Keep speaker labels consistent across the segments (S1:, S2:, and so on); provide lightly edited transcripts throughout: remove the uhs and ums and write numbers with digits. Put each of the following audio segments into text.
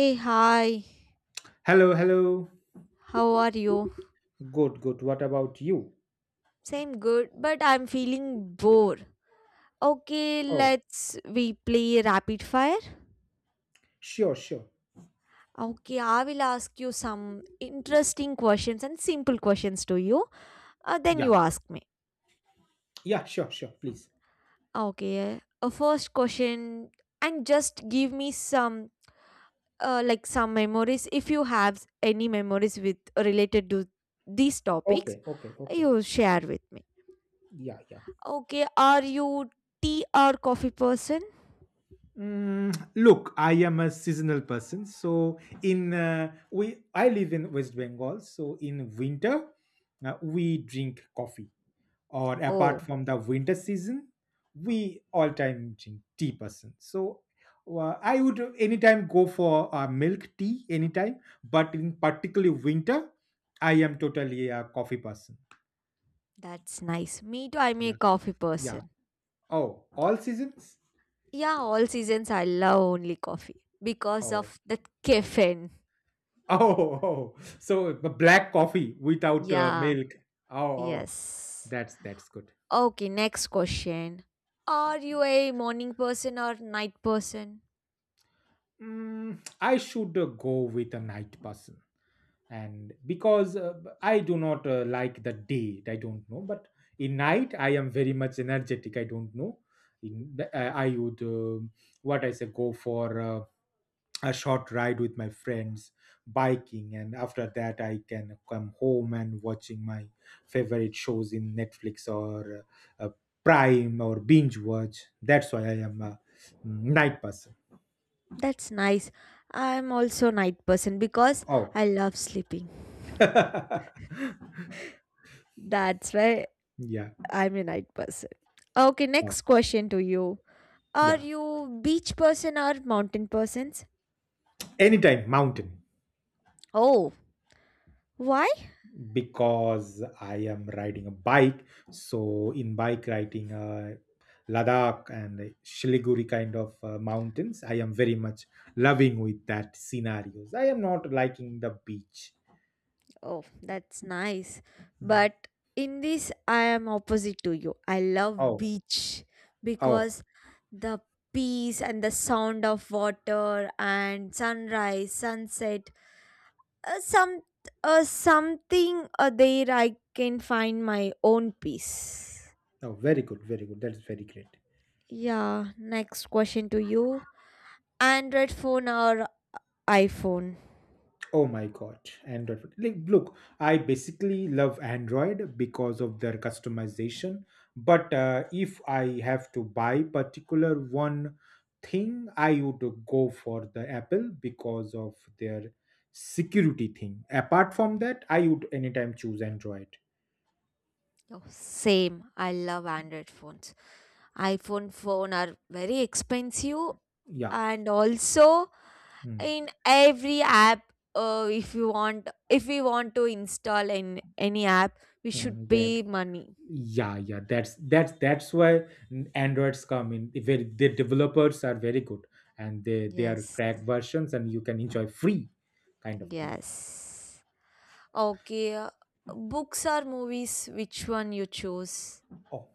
S1: Hey, hi,
S2: Hello, hello.
S1: how are you?
S2: Good, good. What about you?
S1: Same good, but I'm feeling bored. Okay,
S2: Oh,
S1: let's we play rapid fire.
S2: sure, sure.
S1: Okay, I will ask you some interesting questions and simple questions to you. Then you
S2: Yeah,
S1: ask me.
S2: yeah, sure, sure. Please.
S1: Okay, a first question, and just give me some like some memories if you have any memories with related to these topics.
S2: Okay, okay, okay.
S1: You share with me.
S2: Yeah, yeah.
S1: Okay, are you tea or coffee person?
S2: Look, I am a seasonal person. So I live in West Bengal. So in winter, we drink coffee. Or apart
S1: Oh,
S2: from the winter season we all time drink tea person, so I would anytime go for milk tea anytime, but in particularly winter I am totally a coffee person.
S1: that's nice. Me too, I'm a
S2: Yeah,
S1: coffee
S2: yeah.
S1: person.
S2: Oh, all seasons.
S1: Yeah, all seasons I love only coffee because
S2: Oh,
S1: of that caffeine.
S2: oh, oh. So the black coffee without
S1: Yeah,
S2: milk. Oh, oh,
S1: yes.
S2: that's good.
S1: Okay, next question. Are you a morning person or night person?
S2: I should go with a night person, and because I do not like the day, I don't know, but in night I am very much energetic, I don't know. I would what I say, go for a short ride with my friends, biking, and after that I can come home and watching my favorite shows in Netflix or uh, uh, Prime or binge watch. That's why I am a night person.
S1: That's nice. I'm also night person because
S2: Oh,
S1: I love sleeping. That's why
S2: yeah.
S1: I'm a night person. Okay,
S2: Oh,
S1: next question to you. Are
S2: yeah,
S1: you beach person or mountain persons?
S2: anytime mountain.
S1: Oh, why?
S2: Because I am riding a bike. So in bike riding, Ladakh and Shiliguri kind of mountains, I am very much loving with that scenarios. I am not liking the beach.
S1: Oh, that's nice.
S2: Mm.
S1: But in this I am opposite to you. I love
S2: Oh,
S1: beach
S2: oh,
S1: because the peace and the sound of water and sunrise, sunset, some something there I can find my own peace.
S2: oh, very good, very good. That's very great.
S1: Yeah, next question to you. Android phone or iPhone?
S2: Oh my god, Android phone. Like, look, I basically love Android because of their customization. But if I have to buy particular one thing, I would go for the Apple because of their security thing. Apart from that, I would anytime choose Android.
S1: Oh, same. I love Android phones. iPhone phone are very expensive
S2: Yeah,
S1: and also in every app if we want to install in any app we should
S2: mm-hmm.
S1: pay money.
S2: Yeah, yeah, that's why Androids come in. If very the developers are very good and they are
S1: Yes.
S2: cracked versions and you can enjoy free kind of thing.
S1: Yes. Okay. Books or movies which one you choose?
S2: Oh,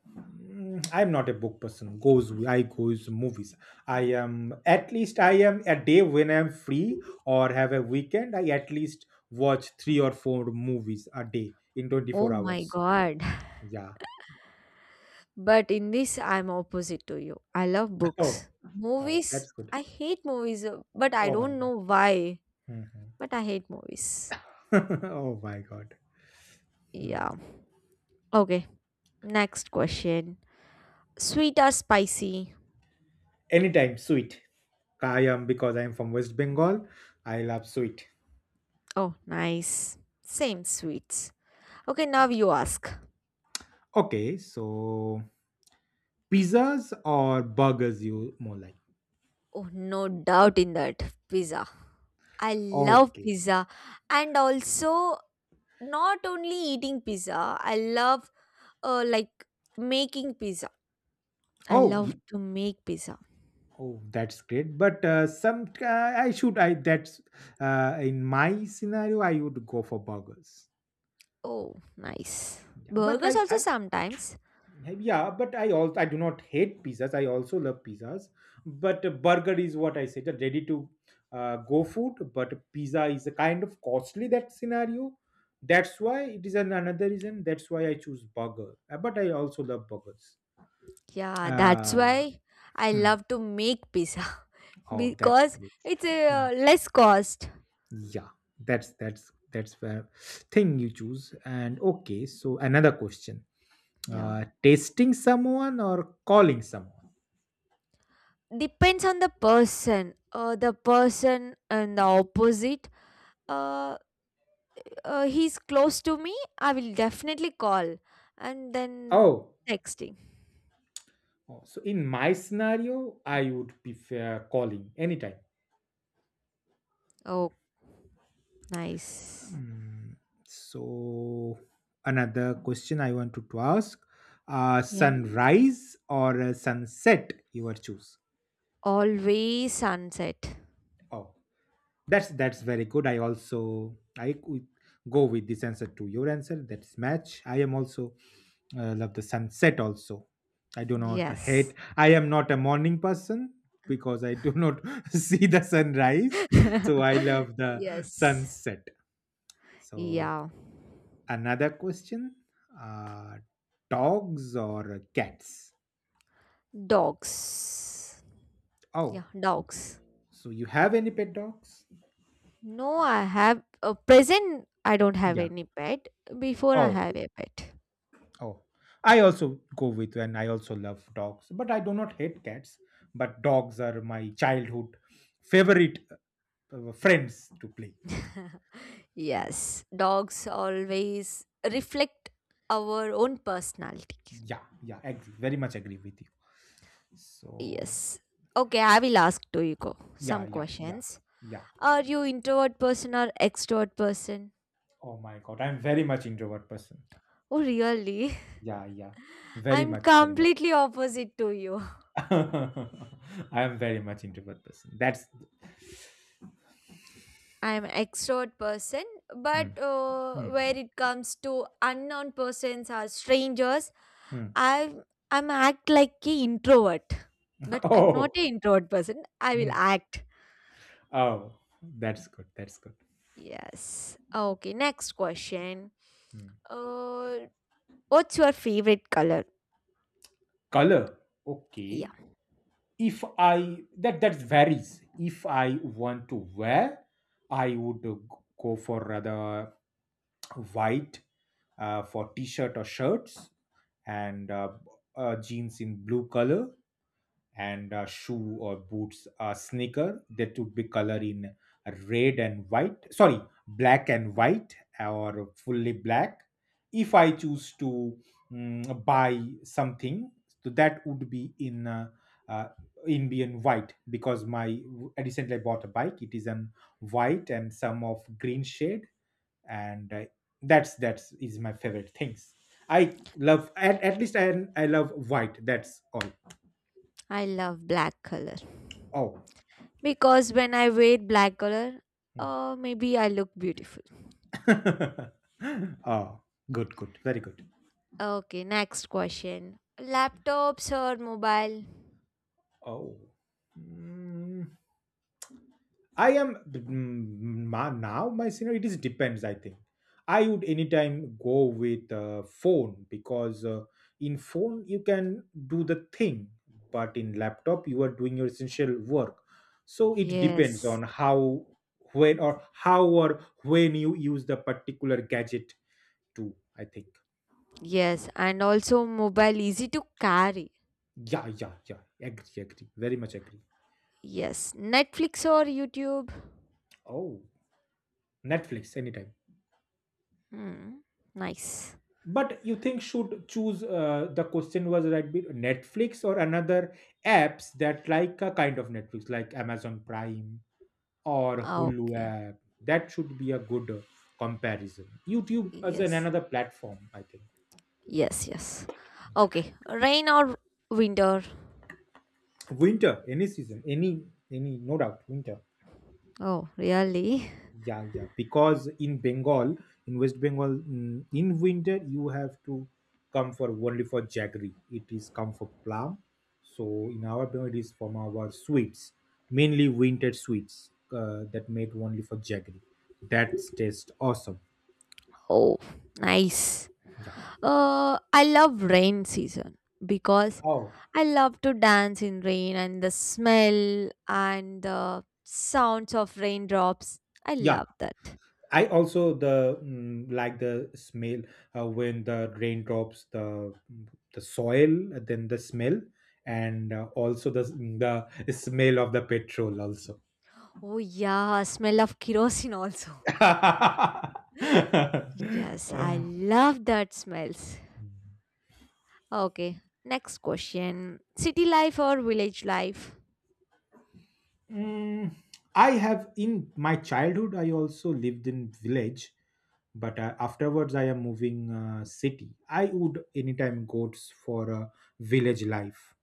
S2: I'm not a book person, goes movies. I am, at least I am a day when I'm free or have a weekend, I at least watch three or four movies a day in
S1: Oh
S2: 24
S1: my
S2: hours.
S1: god.
S2: Yeah.
S1: But in this, I'm opposite to you. I love
S2: Oh,
S1: books.
S2: oh,
S1: Movies,
S2: that's good.
S1: I hate movies, but I
S2: Oh my
S1: don't
S2: god.
S1: know why.
S2: Mhm.
S1: But I hate movies.
S2: Oh my god. Hmm.
S1: Yeah. Okay. Next question. Sweet or spicy?
S2: Anytime, sweet. I am, because I am from West Bengal, I love sweet.
S1: Oh, nice. Same sweets. Okay, now you ask.
S2: Okay, so pizzas or burgers you more like?
S1: Oh, no doubt in that. Pizza. I love
S2: Okay.
S1: pizza. And also, not only eating pizza, I love like making pizza. I
S2: Oh,
S1: love
S2: you,
S1: to make pizza.
S2: oh, that's great. But some I should I that's in my scenario I would go for burgers.
S1: Oh, nice.
S2: Yeah, but
S1: Burgers
S2: I
S1: also
S2: I
S1: sometimes.
S2: Yeah, but I also, I do not hate pizzas, I also love pizzas, but a burger is what I said, a ready to go food. But pizza is a kind of costly, that scenario. That's why it is an, another reason. That's why I choose burger. But I also love burgers.
S1: Yeah, that's
S2: Uh,
S1: why I
S2: hmm.
S1: love to make pizza
S2: Oh, that's
S1: because
S2: great.
S1: it's
S2: Hmm.
S1: less cost.
S2: Yeah, that's fair thing you choose. And okay, so another question:
S1: Yeah.
S2: tasting someone or calling someone?
S1: Depends on the person. The person and the opposite. Uh, he's close to me. I will definitely call and then
S2: Oh.
S1: texting.
S2: Oh, so in my scenario, I would prefer calling anytime.
S1: Oh, nice.
S2: Mm, so another question I wanted to ask:
S1: Yeah.
S2: sunrise or sunset? You would choose.
S1: Always sunset.
S2: Oh, that's very good. I also I could go with this answer to your answer. That's match. I am also, I love the sunset also. I do not hate.
S1: Yes.
S2: I am not a morning person because I do not see the sunrise. So I love the
S1: yes.
S2: sunset. So
S1: Yeah.
S2: another question: uh, dogs or cats?
S1: Dogs. Yeah,
S2: Oh,
S1: dogs.
S2: so you have any pet dogs?
S1: No, I have a present. I don't have
S2: Yeah.
S1: any pet. Before I
S2: Oh,
S1: have a pet.
S2: oh. I also go with, and I also love dogs, but I do not hate cats. But dogs are my childhood favorite friends to play.
S1: Yes, dogs always reflect our own personality.
S2: Yeah, yeah, agree. Very much agree with you. So
S1: Yes. Okay, I will ask to you go
S2: yeah,
S1: some
S2: yeah, yeah,
S1: questions.
S2: yeah.
S1: Are you introvert person or extrovert person?
S2: Oh my God, I'm very much introvert person.
S1: Oh, really?
S2: Yeah, yeah, very
S1: I'm
S2: much, very much.
S1: completely opposite to you.
S2: I am very much introvert person. That's
S1: I'm an extrovert person,
S2: mm,
S1: but
S2: mm,
S1: where it comes to unknown persons or strangers,
S2: mm.
S1: I'm I'm act like a introvert. But I'm not
S2: Oh,
S1: an introvert person. I will
S2: mm,
S1: act.
S2: oh, that's good. That's good.
S1: Yes. Okay. Next question.
S2: Mm.
S1: Uh, what's your favorite color?
S2: Color,
S1: Yeah,
S2: okay. If I That that varies. If I want to wear, I would go for rather white for t-shirt or shirts, and jeans in blue color, and shoe or boots, sneaker, that would be color in red and white, sorry, black and white or fully black. If I choose to buy something, so that would be in uh, Indian white. Because my recently I bought a bike, it is an white and some of green shade. And I, that's is my favorite things. I love at least I love white, that's all.
S1: I love black color
S2: Oh,
S1: because when I wear black color, maybe I look beautiful.
S2: oh, good, good, very good.
S1: Okay. Next question. Laptops or mobile?
S2: Oh. Mm. I am now my scenario, it is depends. I think I would anytime go with phone, because in phone you can do the thing, but in laptop you are doing your essential work. So it depends
S1: Yes,
S2: on how, when, or how or when you use the particular gadget to. I think.
S1: yes, and also mobile easy to carry.
S2: Yeah, yeah, yeah. Agree, agree. Very much agree.
S1: Yes, Netflix or YouTube.
S2: Oh, Netflix anytime.
S1: Hmm, nice.
S2: But you think should choose the question was right, Netflix or another apps that, like a kind of Netflix like Amazon Prime or Hulu
S1: Okay,
S2: app, that should be a good comparison. YouTube as an
S1: yes,
S2: another platform, I think.
S1: yes, yes. Okay, rain or winter?
S2: Winter, any season, any, no doubt winter.
S1: Oh, really?
S2: Yeah, yeah. Because in Bengal, in West Bengal, in winter you have to come for only for jaggery. It is come for plum. So in our Bengal, it is from our sweets, mainly winter sweets, that made only for jaggery. That tastes awesome.
S1: Oh, nice.
S2: Yeah.
S1: I love rain season because
S2: Oh,
S1: I love to dance in rain and the smell and the sounds of raindrops. I
S2: yeah.
S1: love that.
S2: I also the like the smell when the raindrops, the soil, then the smell, and also the the smell of the petrol also.
S1: Oh yeah, smell of kerosene also. yes, I
S2: Uh,
S1: love that smells. Okay, next question. City life or village life?
S2: mm, I have, in my childhood I also lived in village, but afterwards I am moving city. I would anytime go for a village life.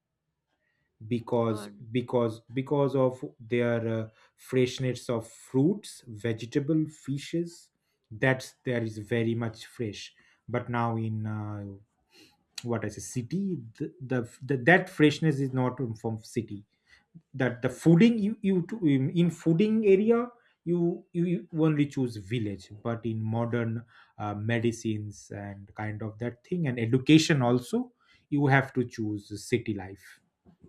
S2: Because
S1: For
S2: because of their freshness of fruits, vegetable, fishes, that's there is very much fresh. But now in what I say city, the that freshness is not from city. That the fooding, in fooding area, you only choose village. But in modern medicines and kind of that thing, and education also, you have to choose city life.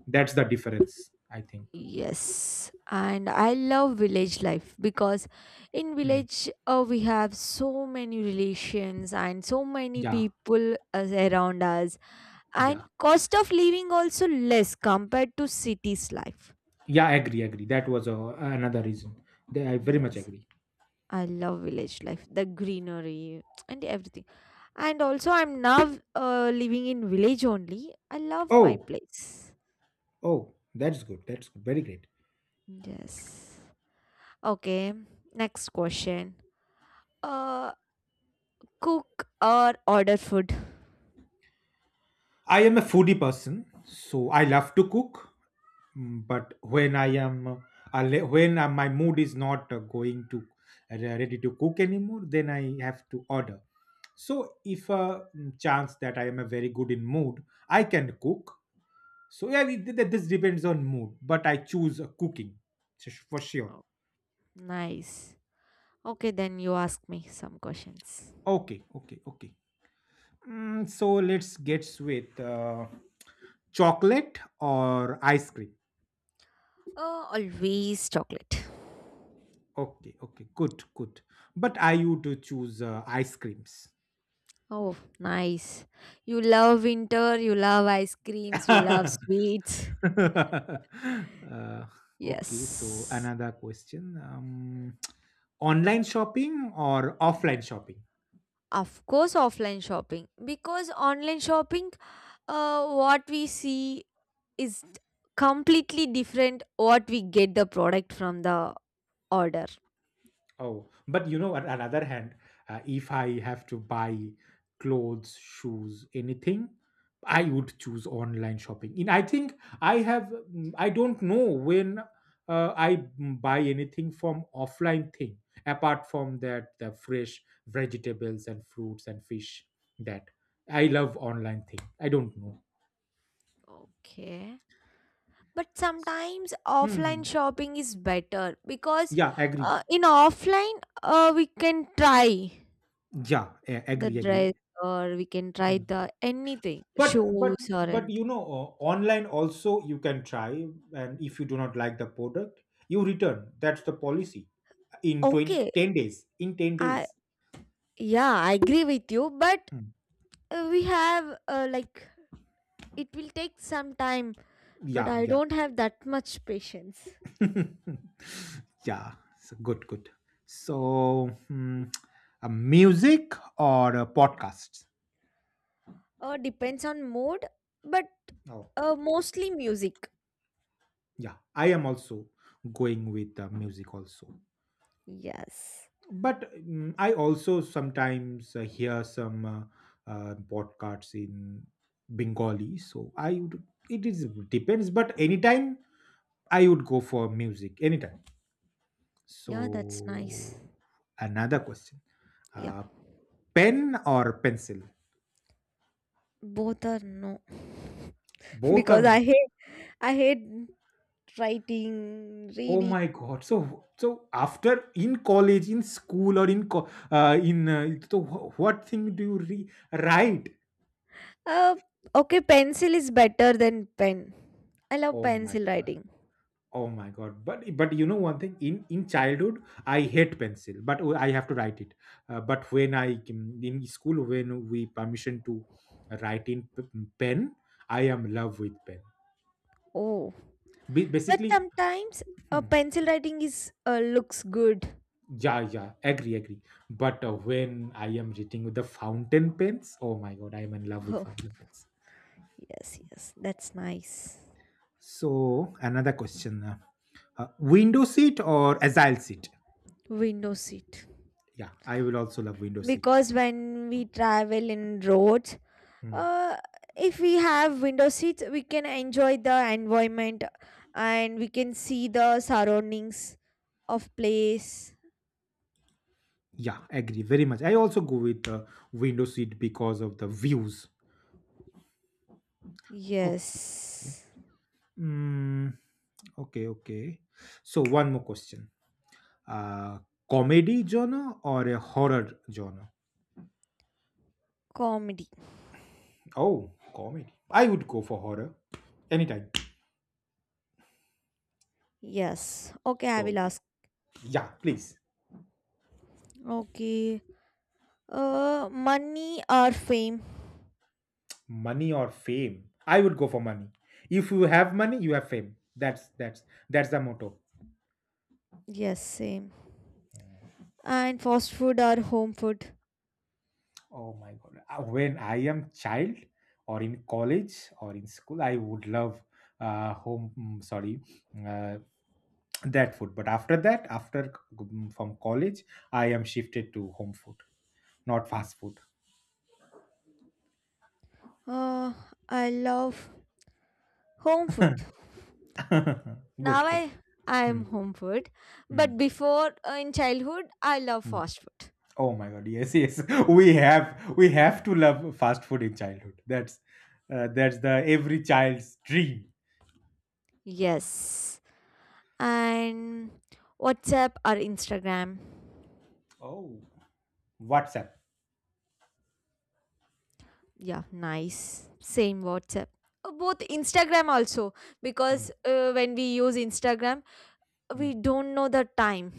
S2: That's the difference I think.
S1: yes, and I love village life because in
S2: Mm.
S1: village we have so many relations and so many
S2: Yeah,
S1: people as around us and
S2: yeah,
S1: cost of living also less compared to city's life.
S2: yeah, agree, agree, that was another reason. I very much
S1: Yes.
S2: agree.
S1: I love village life, the greenery and everything. And also, I'm now living in village only. I love my
S2: Oh,
S1: place.
S2: oh, that's good, that's good. Very great.
S1: Yes. Okay. Next question. Uh, Cook or order food?
S2: I am a foodie person, so I love to cook. But when I am when my mood is not going to ready to cook anymore, then I have to order. So if a chance that I am a very good in mood, I can cook. So yeah, this depends on mood, but I choose cooking, for sure.
S1: Oh, nice. Okay, then you ask me some questions.
S2: Okay, okay, okay. So let's get with chocolate or ice cream.
S1: Oh, always chocolate.
S2: Okay, okay, good, good, but I would choose ice creams.
S1: Oh, nice. You love winter, you love ice creams, you
S2: uh,
S1: love sweets.
S2: okay, so
S1: Yes.
S2: another question. Online shopping or offline shopping?
S1: Of course, offline shopping. Because online shopping, what we see is completely different what we get the product from the order.
S2: Oh, but you know, on another hand, if I have to buy clothes, shoes, anything, I would choose online shopping. In I think I have, I don't know when buy anything from offline thing. Apart from that, the fresh vegetables and fruits and fish, that I love online thing. I don't know.
S1: Okay. But sometimes offline
S2: Hmm.
S1: shopping is better because
S2: Yeah, agree.
S1: in offline we can try.
S2: Yeah,
S1: The
S2: agree, agree.
S1: dress or we can try the anything,
S2: But
S1: shoes or
S2: but
S1: anything.
S2: you know online also you can try, and if you do not like the product, you return, that's the policy in twenty
S1: Okay,
S2: ten days, in 10
S1: I
S2: days.
S1: yeah, I agree with you, but
S2: Hmm.
S1: we have like it will take some time, but
S2: Yeah,
S1: I
S2: yeah.
S1: don't have that much patience.
S2: Yeah, so good, good. So hmm, a music or a podcast?
S1: Depends on mood, but
S2: Oh,
S1: mostly music.
S2: yeah, I am also going with music also.
S1: Yes.
S2: But I also sometimes hear some podcasts in Bengali, so I would, it is depends, but anytime I would go for music anytime.
S1: Yeah, that's nice.
S2: So another question:
S1: Yeah,
S2: uh, pen or pencil?
S1: both are no.
S2: Both are
S1: because I
S2: no.
S1: hate I hate writing,
S2: Oh
S1: reading.
S2: my god, so so after in college, in school, or in so what thing do you write?
S1: Uh, okay, pencil is better than pen. I love
S2: Oh my
S1: pencil
S2: god.
S1: writing.
S2: Oh my god! But you know one thing, in childhood I hate pencil, but I have to write it. But when I in school, when we permission to write in pen, I am love with pen.
S1: Oh, but
S2: Basically,
S1: sometimes a
S2: hmm,
S1: pencil writing is looks good.
S2: yeah, yeah, agree, agree. But when I am writing with the fountain pens, oh my god, I am in love with
S1: Oh,
S2: fountain pens.
S1: yes, yes, that's nice.
S2: So another question: window seat or agile seat?
S1: Window seat.
S2: Yeah, I will also love window seat.
S1: Because when we travel in roads,
S2: Hmm.
S1: uh, if we have window seats, we can enjoy the environment and we can see the surroundings of place.
S2: Yeah, agree very much. I also go with the window seat because of the views. Okay. Yeah.
S1: Yes,
S2: Mm, okay, okay. So one more question. Uh comedy genre or a horror genre?
S1: comedy.
S2: Oh, comedy. I would go for horror anytime.
S1: Yes. Okay, I
S2: So
S1: will ask.
S2: yeah, please.
S1: Okay. Money or fame?
S2: Money or fame? I would go for money. If you have money, you have fame. That's the motto.
S1: Yes, same. And fast food or home food?
S2: Oh my god. When I am child or in college or in school, I would love home. Sorry, uh, that food. But after that, after from college, I am shifted to home food, not fast food.
S1: Uh, I love home food.
S2: Good,
S1: Now
S2: good.
S1: I
S2: Hmm,
S1: am home food, but
S2: hmm,
S1: before in childhood I love
S2: hmm.
S1: fast food.
S2: Oh my god. Yes, yes. We have to love fast food in childhood. That's the every child's dream.
S1: Yes. And WhatsApp or Instagram?
S2: Oh, WhatsApp.
S1: Yeah, nice. Same WhatsApp. Both Instagram also
S2: Hmm,
S1: because when we use Instagram,
S2: hmm.
S1: we don't know the time.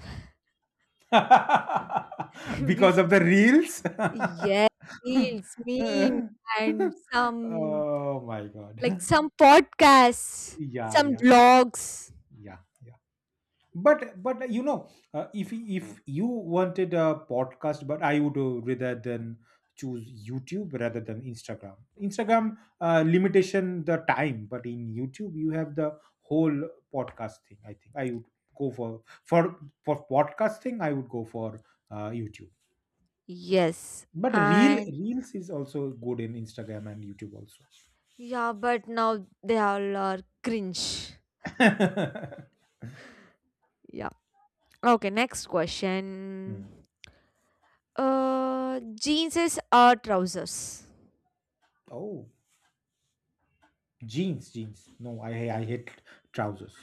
S1: We
S2: Because
S1: f
S2: of the reels?
S1: yeah, reels, memes, and some
S2: Oh my
S1: like
S2: God.
S1: some podcasts,
S2: Yeah,
S1: some
S2: yeah,
S1: blogs.
S2: yeah, yeah. But you know, if you wanted a podcast, but I would rather than choose YouTube rather than Instagram. Instagram limitation the time, but in YouTube you have the whole podcast thing. I think I would go for podcasting. I would go for YouTube.
S1: Yes,
S2: But reel
S1: and
S2: reels is also good in Instagram and YouTube also.
S1: yeah, but now they all are cringe. Yeah. Okay, next question.
S2: Hmm.
S1: Uh, Jeans is or trousers?
S2: Oh, jeans, jeans. No, I hate trousers.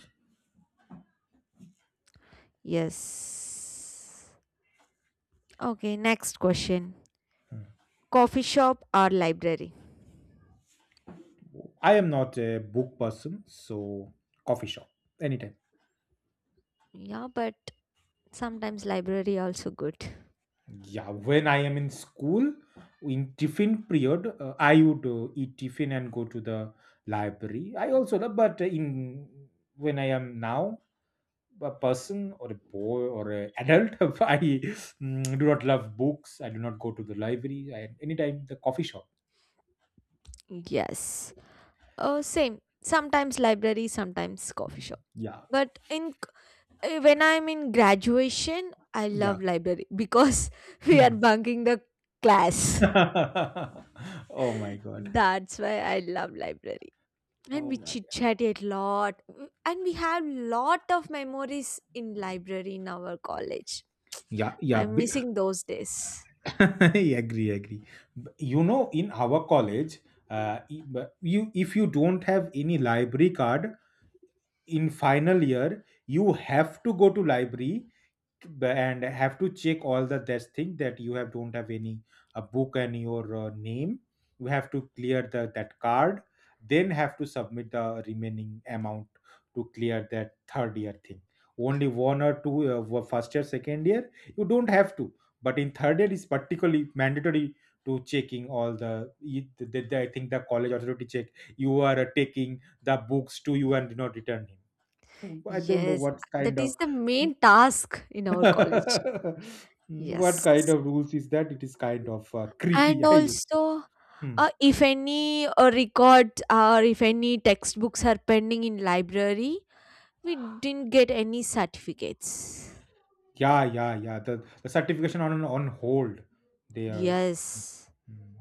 S1: Yes. Okay, next question.
S2: Hmm.
S1: Coffee shop or library?
S2: I am not a book person, so coffee shop anytime.
S1: Yeah, but sometimes library also good.
S2: Yeah, when I am in school in tiffin period, I would eat tiffin and go to the library. I also love, but in when I am now a person or a boy or a adult I do not love books. I do not go to the library. I, anytime the coffee shop.
S1: Yes. Same. Sometimes library, sometimes coffee shop.
S2: Yeah,
S1: But in c- eh, When I'm in graduation, I
S2: yeah.
S1: love library because we are
S2: Hmm.
S1: bunking the class.
S2: Oh my god.
S1: That's why I love library. And
S2: Oh
S1: we
S2: my,
S1: chit chat a lot. Mm, and we have lot of memories in library in our college.
S2: yeah, yeah,
S1: I'm missing those days.
S2: I agree, agree. You know, in our college you, if you don't have any library card in final year, you have to go to library and have to check all the this thing, that you have don't have any a book, and your name. You have to clear the that card, then have to submit the remaining amount to clear that third year thing. Only one or two were first year, second year you don't have to, but in third year is particularly mandatory to checking all the, I think the college authority check you are taking the books to you and do not return him. I don't know
S1: Yes,
S2: what kind
S1: that is
S2: of
S1: the main task in our college.
S2: what
S1: Yes.
S2: kind of rules is that? It is kind of creepy,
S1: And
S2: I would say.
S1: also,
S2: Hmm.
S1: if any records or if any textbooks are pending in library, we didn't get any certificates.
S2: Yeah, yeah, yeah. The certification on hold. They are.
S1: Yes.
S2: mm,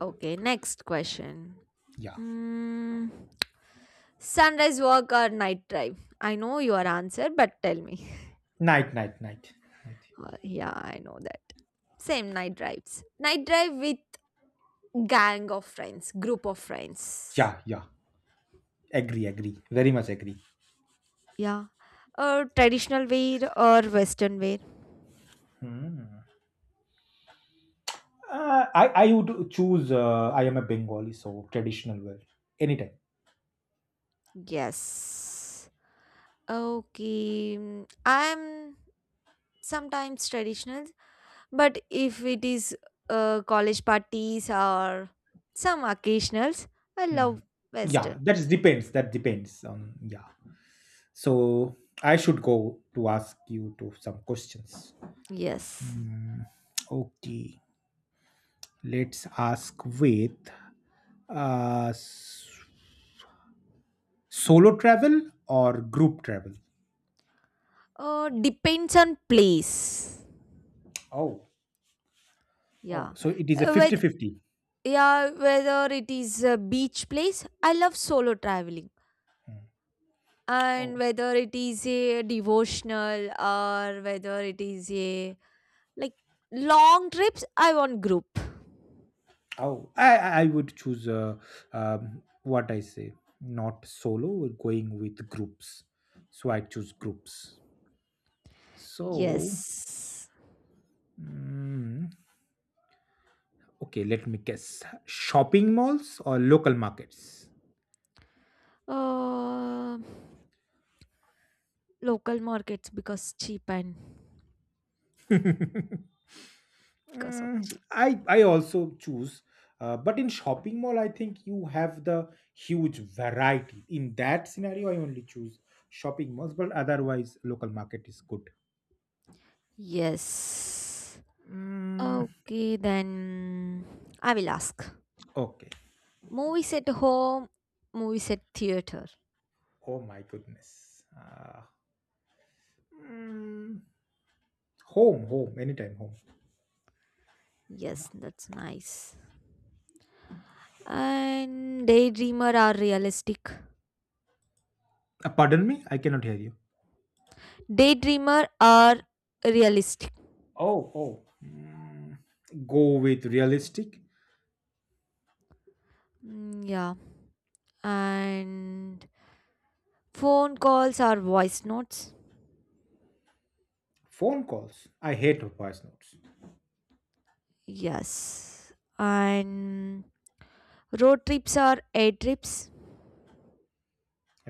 S1: Okay, next question.
S2: Yeah.
S1: Mm, sunrise walk or night drive? I know your answer, but tell me.
S2: Night, night, night, night.
S1: Yeah, I know that. Same night drives. Night drive with gang of friends, group of friends.
S2: Yeah, yeah. Agree, agree. Very much agree.
S1: Yeah. Traditional wear or Western wear?
S2: Hmm. I would choose. I am a Bengali, so traditional wear anytime.
S1: Yes. Okay. Mm, I'm sometimes traditional, but if it is college parties or some occasionals, I
S2: Hmm.
S1: love
S2: Yeah,
S1: Western.
S2: that is depends. That depends on, yeah. So I should go to ask you to some questions.
S1: Yes.
S2: Mm, okay, let's ask with uh, s- solo travel or group travel.
S1: Depends on place.
S2: Oh, oh,
S1: Yeah.
S2: so it is a
S1: Uh, Whether,
S2: 50-50.
S1: yeah, whether it is a beach place, I love solo traveling. And
S2: Oh,
S1: whether it is a devotional or whether it is a like long trips I want group.
S2: oh, I would choose what I say, not solo, we're going with groups. So I choose groups. So,
S1: Yes,
S2: mm, okay, let me guess, shopping malls or local markets?
S1: uh, local markets because cheap and because of
S2: Mm,
S1: cheap.
S2: I also choose, but in shopping mall, I think you have the huge variety. In that scenario, I only choose shopping malls, but otherwise, local market is good.
S1: Yes,
S2: Mm,
S1: okay, then I will ask,
S2: okay.
S1: movies at home movies at theater.
S2: Oh my goodness. Mm, Home, home, anytime home.
S1: Yes,
S2: No.
S1: that's nice. And daydreamer are realistic.
S2: Pardon me, I cannot hear you.
S1: Daydreamer are realistic.
S2: Oh, oh. Mm, go with realistic.
S1: Mm, yeah. And phone calls are voice notes.
S2: Phone calls. I hate voice notes.
S1: Yes. And road trips are air trips.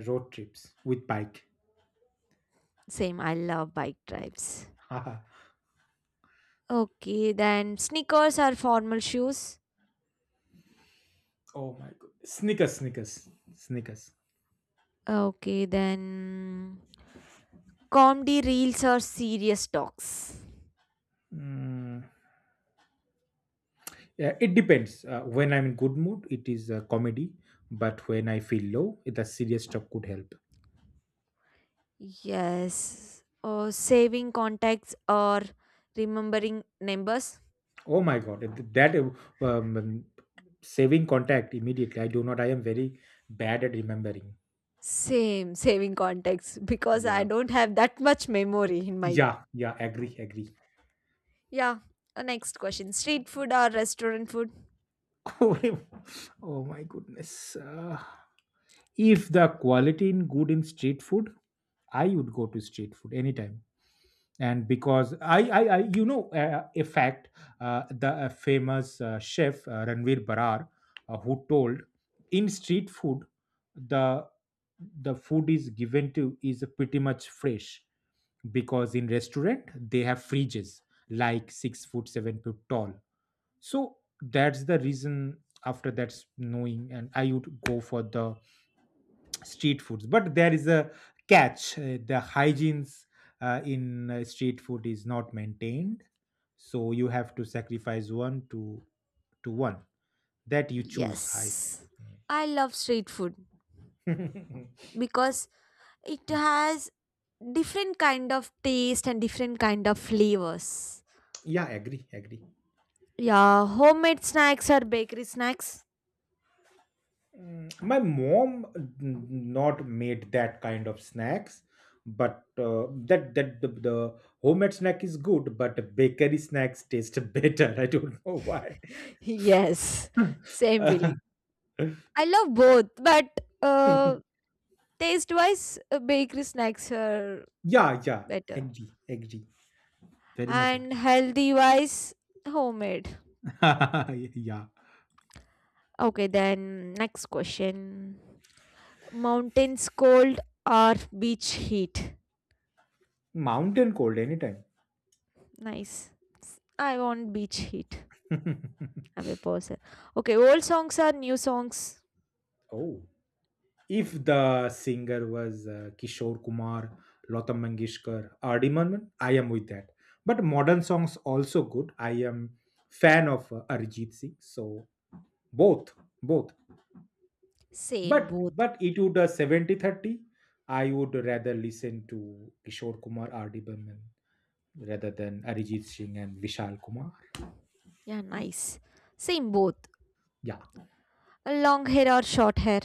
S2: Road trips with bike.
S1: Same. I love bike drives. Okay. Then sneakers are formal shoes.
S2: Oh my god. Snickers, Snickers, Snickers.
S1: Okay. Then comedy reels are serious talks.
S2: Mm, yeah, it depends. When I'm in good mood, it is a comedy, but when I feel low, the serious stuff could help.
S1: Yes. Or saving contacts or remembering numbers.
S2: Oh my god, that saving contact immediately. I do not. I am very bad at remembering.
S1: Same, saving context because I
S2: Yeah,
S1: don't have that much memory in my.
S2: yeah, yeah. Agree, agree.
S1: Yeah. Next question, street food or restaurant food?
S2: Oh my goodness. If the quality in good in street food, I would go to street food anytime. And because I you know, a fact, the famous chef Ranveer Barar, who told in street food, the the food is given to is pretty much fresh because in restaurant they have fridges like 6 foot 7 foot tall. So that's the reason. After that's knowing, and I would go for the street foods, but there is a catch, the hygienes in street food is not maintained, so you have to sacrifice one to one, that you choose high.
S1: Yes. I love street food because it
S2: Mm.
S1: has different kind of taste and different kind of flavors.
S2: Yeah, agree, agree.
S1: Yeah, homemade snacks or bakery snacks?
S2: Mm, my mom n- not made that kind of snacks, but the homemade snack is good, but bakery snacks taste better. I don't know why.
S1: Yes. Same
S2: Uh,
S1: feeling. I love both, but uh taste wise bakery snacks are
S2: yeah, yeah.
S1: better.
S2: Agree, agree. Very much
S1: And
S2: agree.
S1: healthy wise homemade.
S2: Yeah.
S1: Okay, then next question, mountains cold or beach heat.
S2: Mountain cold anytime.
S1: Nice. I want beach heat. I'm the person. Okay, old songs or new songs.
S2: Oh. If the singer was Kishore Kumar, Lata Mangeshkar, R.D. Murman, I am with that. But modern songs also good. I am fan of Arijit Singh. So both, both.
S1: Same, both.
S2: But it would 70 30. I would rather listen to Kishore Kumar, R.D. Burman rather than Arijit Singh and Vishal Kumar.
S1: Yeah, nice, same both.
S2: Yeah.
S1: Long hair or short hair.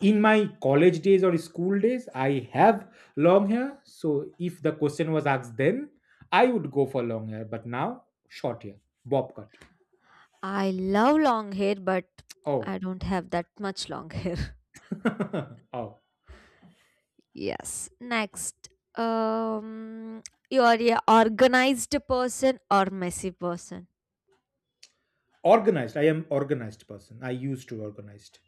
S2: In my college days or school days, I have long hair, so if the question was asked then, I would go for long hair, but now short hair, bob cut.
S1: I love long hair but I
S2: Oh.
S1: don't have that much long hair.
S2: Oh,
S1: Yes. Next, um, you are a organized person or messy person.
S2: organized. I am organized person. I used to organized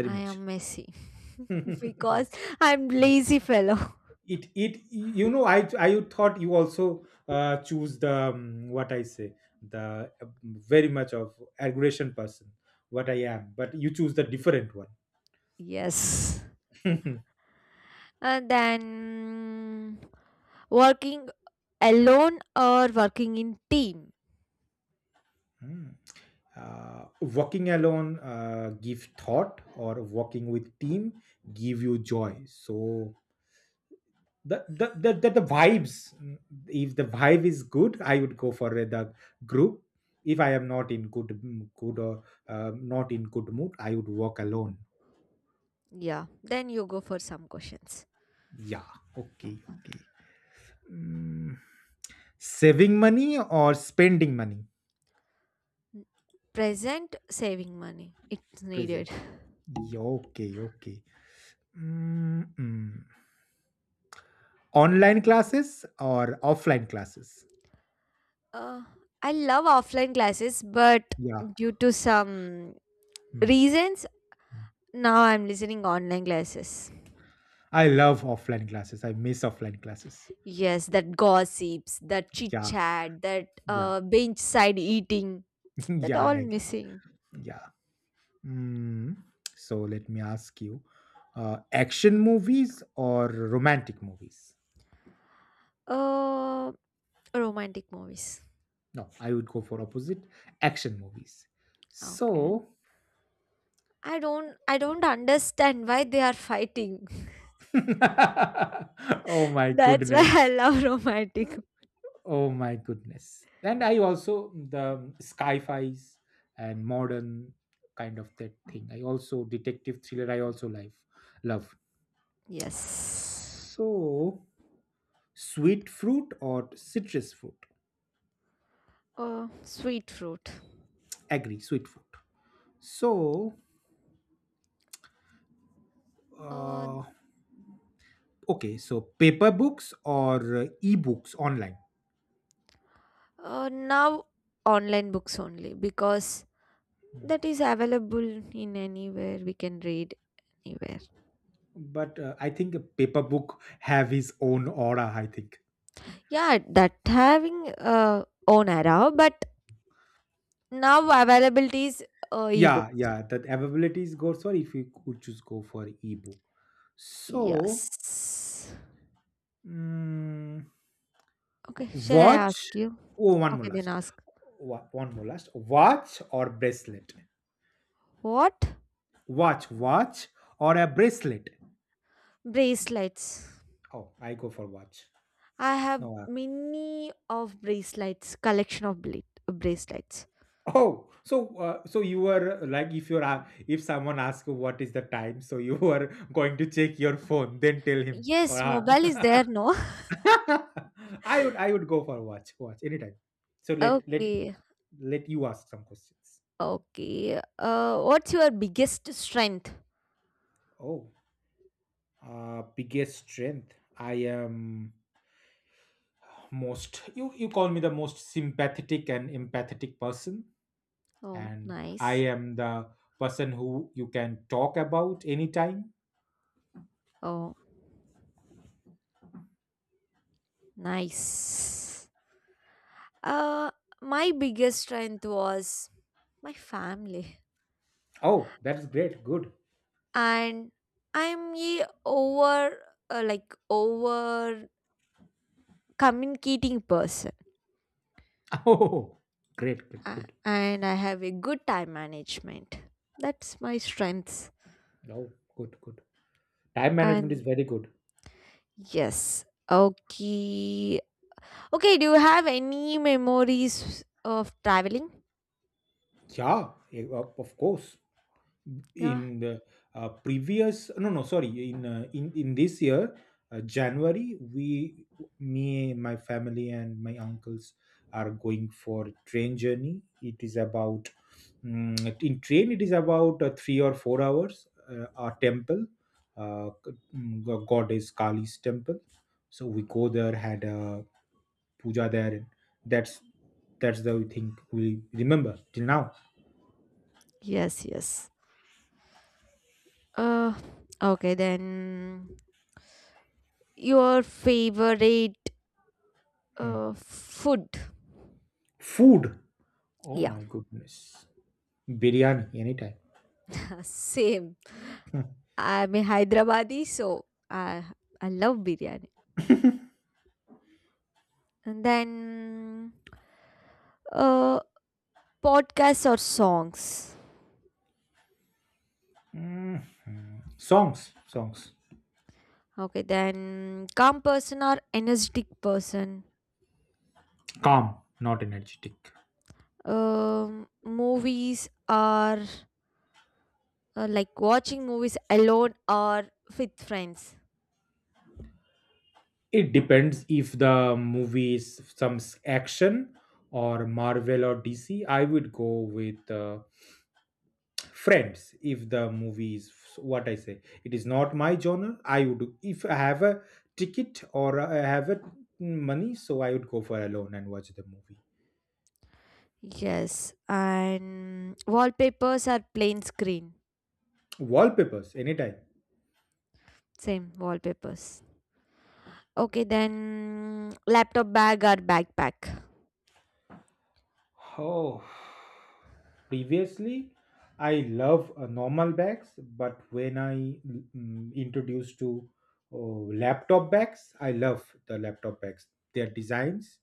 S2: very
S1: I
S2: much.
S1: am messy because
S2: Yes.
S1: I'm lazy fellow.
S2: It, you know, I thought you also choose the what I say, the very much of aggression person what I am, but you choose the different one.
S1: Yes. And then working alone or working in team.
S2: Hmm. Uh, walking alone, give thought, or walking with team give you joy. So the vibes, mm, if the vibe is good, I would go for the group. If I am not in good, mm, good, or not in good mood, I would walk alone.
S1: Yeah, then you go for some questions.
S2: Yeah, okay, okay. Mm, saving money or spending money.
S1: Present saving money, it's
S2: Present.
S1: needed.
S2: Yeah, okay, okay. Mm, mm. Online classes or offline classes?
S1: Uh, I love offline classes, but
S2: Yeah.
S1: due to some
S2: Mm,
S1: reasons,
S2: mm.
S1: now I'm listening online classes.
S2: I love offline classes. I miss offline classes.
S1: Yes, that gossips, that chit
S2: Yeah.
S1: chat, that
S2: Yeah.
S1: bench side eating, that
S2: Yeah, I
S1: all
S2: agree.
S1: missing.
S2: Yeah. Mm. So let me ask you, action movies or romantic movies?
S1: Uh, Romantic movies.
S2: No, I would go for opposite, action movies.
S1: Okay.
S2: So,
S1: I don't understand why they are fighting.
S2: oh my
S1: That's why
S2: goodness.
S1: I love romantic.
S2: Oh my goodness. And I also the sci-fis and modern kind of that thing. I also detective thriller I also like love.
S1: Yes.
S2: So sweet fruit or citrus fruit?
S1: Sweet fruit.
S2: Agree, sweet fruit. So
S1: Uh,
S2: uh, okay, so paper books or e-books online.
S1: Now online books only because that is available in anywhere we can read anywhere.
S2: But I think a paper book have his own aura, I think.
S1: Yeah, that having own era, but now availability is
S2: Yeah,
S1: ebooks.
S2: yeah, that availabilities goes for, if you could choose, go for ebook. So
S1: Yes.
S2: mm,
S1: Okay, shall I
S2: watch.
S1: ask you?
S2: Oh, one more
S1: Okay, then
S2: last.
S1: ask.
S2: One more last, watch or bracelet?
S1: What?
S2: Watch, watch, or a bracelet?
S1: Bracelets.
S2: Oh, I go for watch.
S1: I have
S2: No,
S1: many of bracelets, collection of bracelets.
S2: oh, so so you were like, if you're if someone asks what is the time, so you are going to check your phone then tell him or
S1: Yes, mobile is
S2: her.
S1: there, no?
S2: I would go for a watch anytime. So
S1: Okay,
S2: let you ask some questions.
S1: okay. What's your biggest strength?
S2: Oh, biggest strength. I am most, you call me the most sympathetic and empathetic person,
S1: Oh,
S2: and I
S1: nice.
S2: am the person who you can talk about anytime.
S1: Oh, nice. Uh, my biggest strength was my family.
S2: Oh, that's great. Good.
S1: And I'm a over like over communicating person.
S2: Oh, great. Great.
S1: A-
S2: Good.
S1: and I have a good time management. That's my strengths.
S2: Oh, good. Good. Time management is
S1: And
S2: very good.
S1: yes, okay, okay. Do you have any memories of traveling?
S2: Yeah, eh, of course.
S1: Yeah.
S2: In the previous, no no sorry, in in this year January, we, me, my family and my uncles are going for train journey. It is about, mm, in train, it is about 3 or 4 hours, our temple, goddess Kali's temple. So we go there, had a puja there. that's that's the thing we remember till now.
S1: Yes. Yes. Uh. Okay then. Your favorite
S2: Hmm.
S1: food?
S2: Food. Oh
S1: Yeah.
S2: my goodness. Biryani anytime.
S1: Same.
S2: Hmm.
S1: I'm a Hyderabadi, so I love biryani. And then uh, podcasts or songs.
S2: Mhm. Songs. Songs.
S1: Okay, then calm person or energetic person.
S2: Calm, not energetic.
S1: Movies are like watching movies alone or with friends.
S2: It depends, if the movie is action or Marvel or DC, I would go with Friends. If the movie is what I say, it is not my genre, I would, if I have a ticket or I have a money, so I would go for alone and watch the movie.
S1: Yes, and wallpapers are plain screen.
S2: Wallpapers anytime.
S1: Same wallpapers. Okay, then laptop bag or backpack.
S2: Oh. Previously, I love normal bags, but when I, mm, introduced to laptop bags, I love the laptop bags, their designs,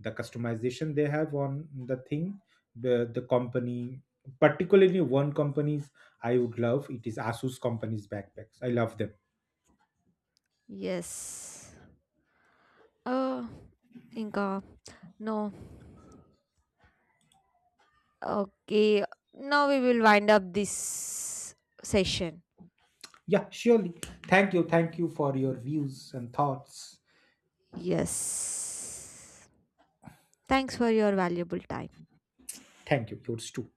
S2: the customization they have on the thing, the company, particularly one company's I would love, it is Asus company's backpacks. I love them.
S1: Yes. Uh, Inka, no. Okay, now we will wind up this session.
S2: Yeah, surely. Thank you for your views and thoughts.
S1: Yes. Thanks for your valuable time.
S2: Thank you. Yours too.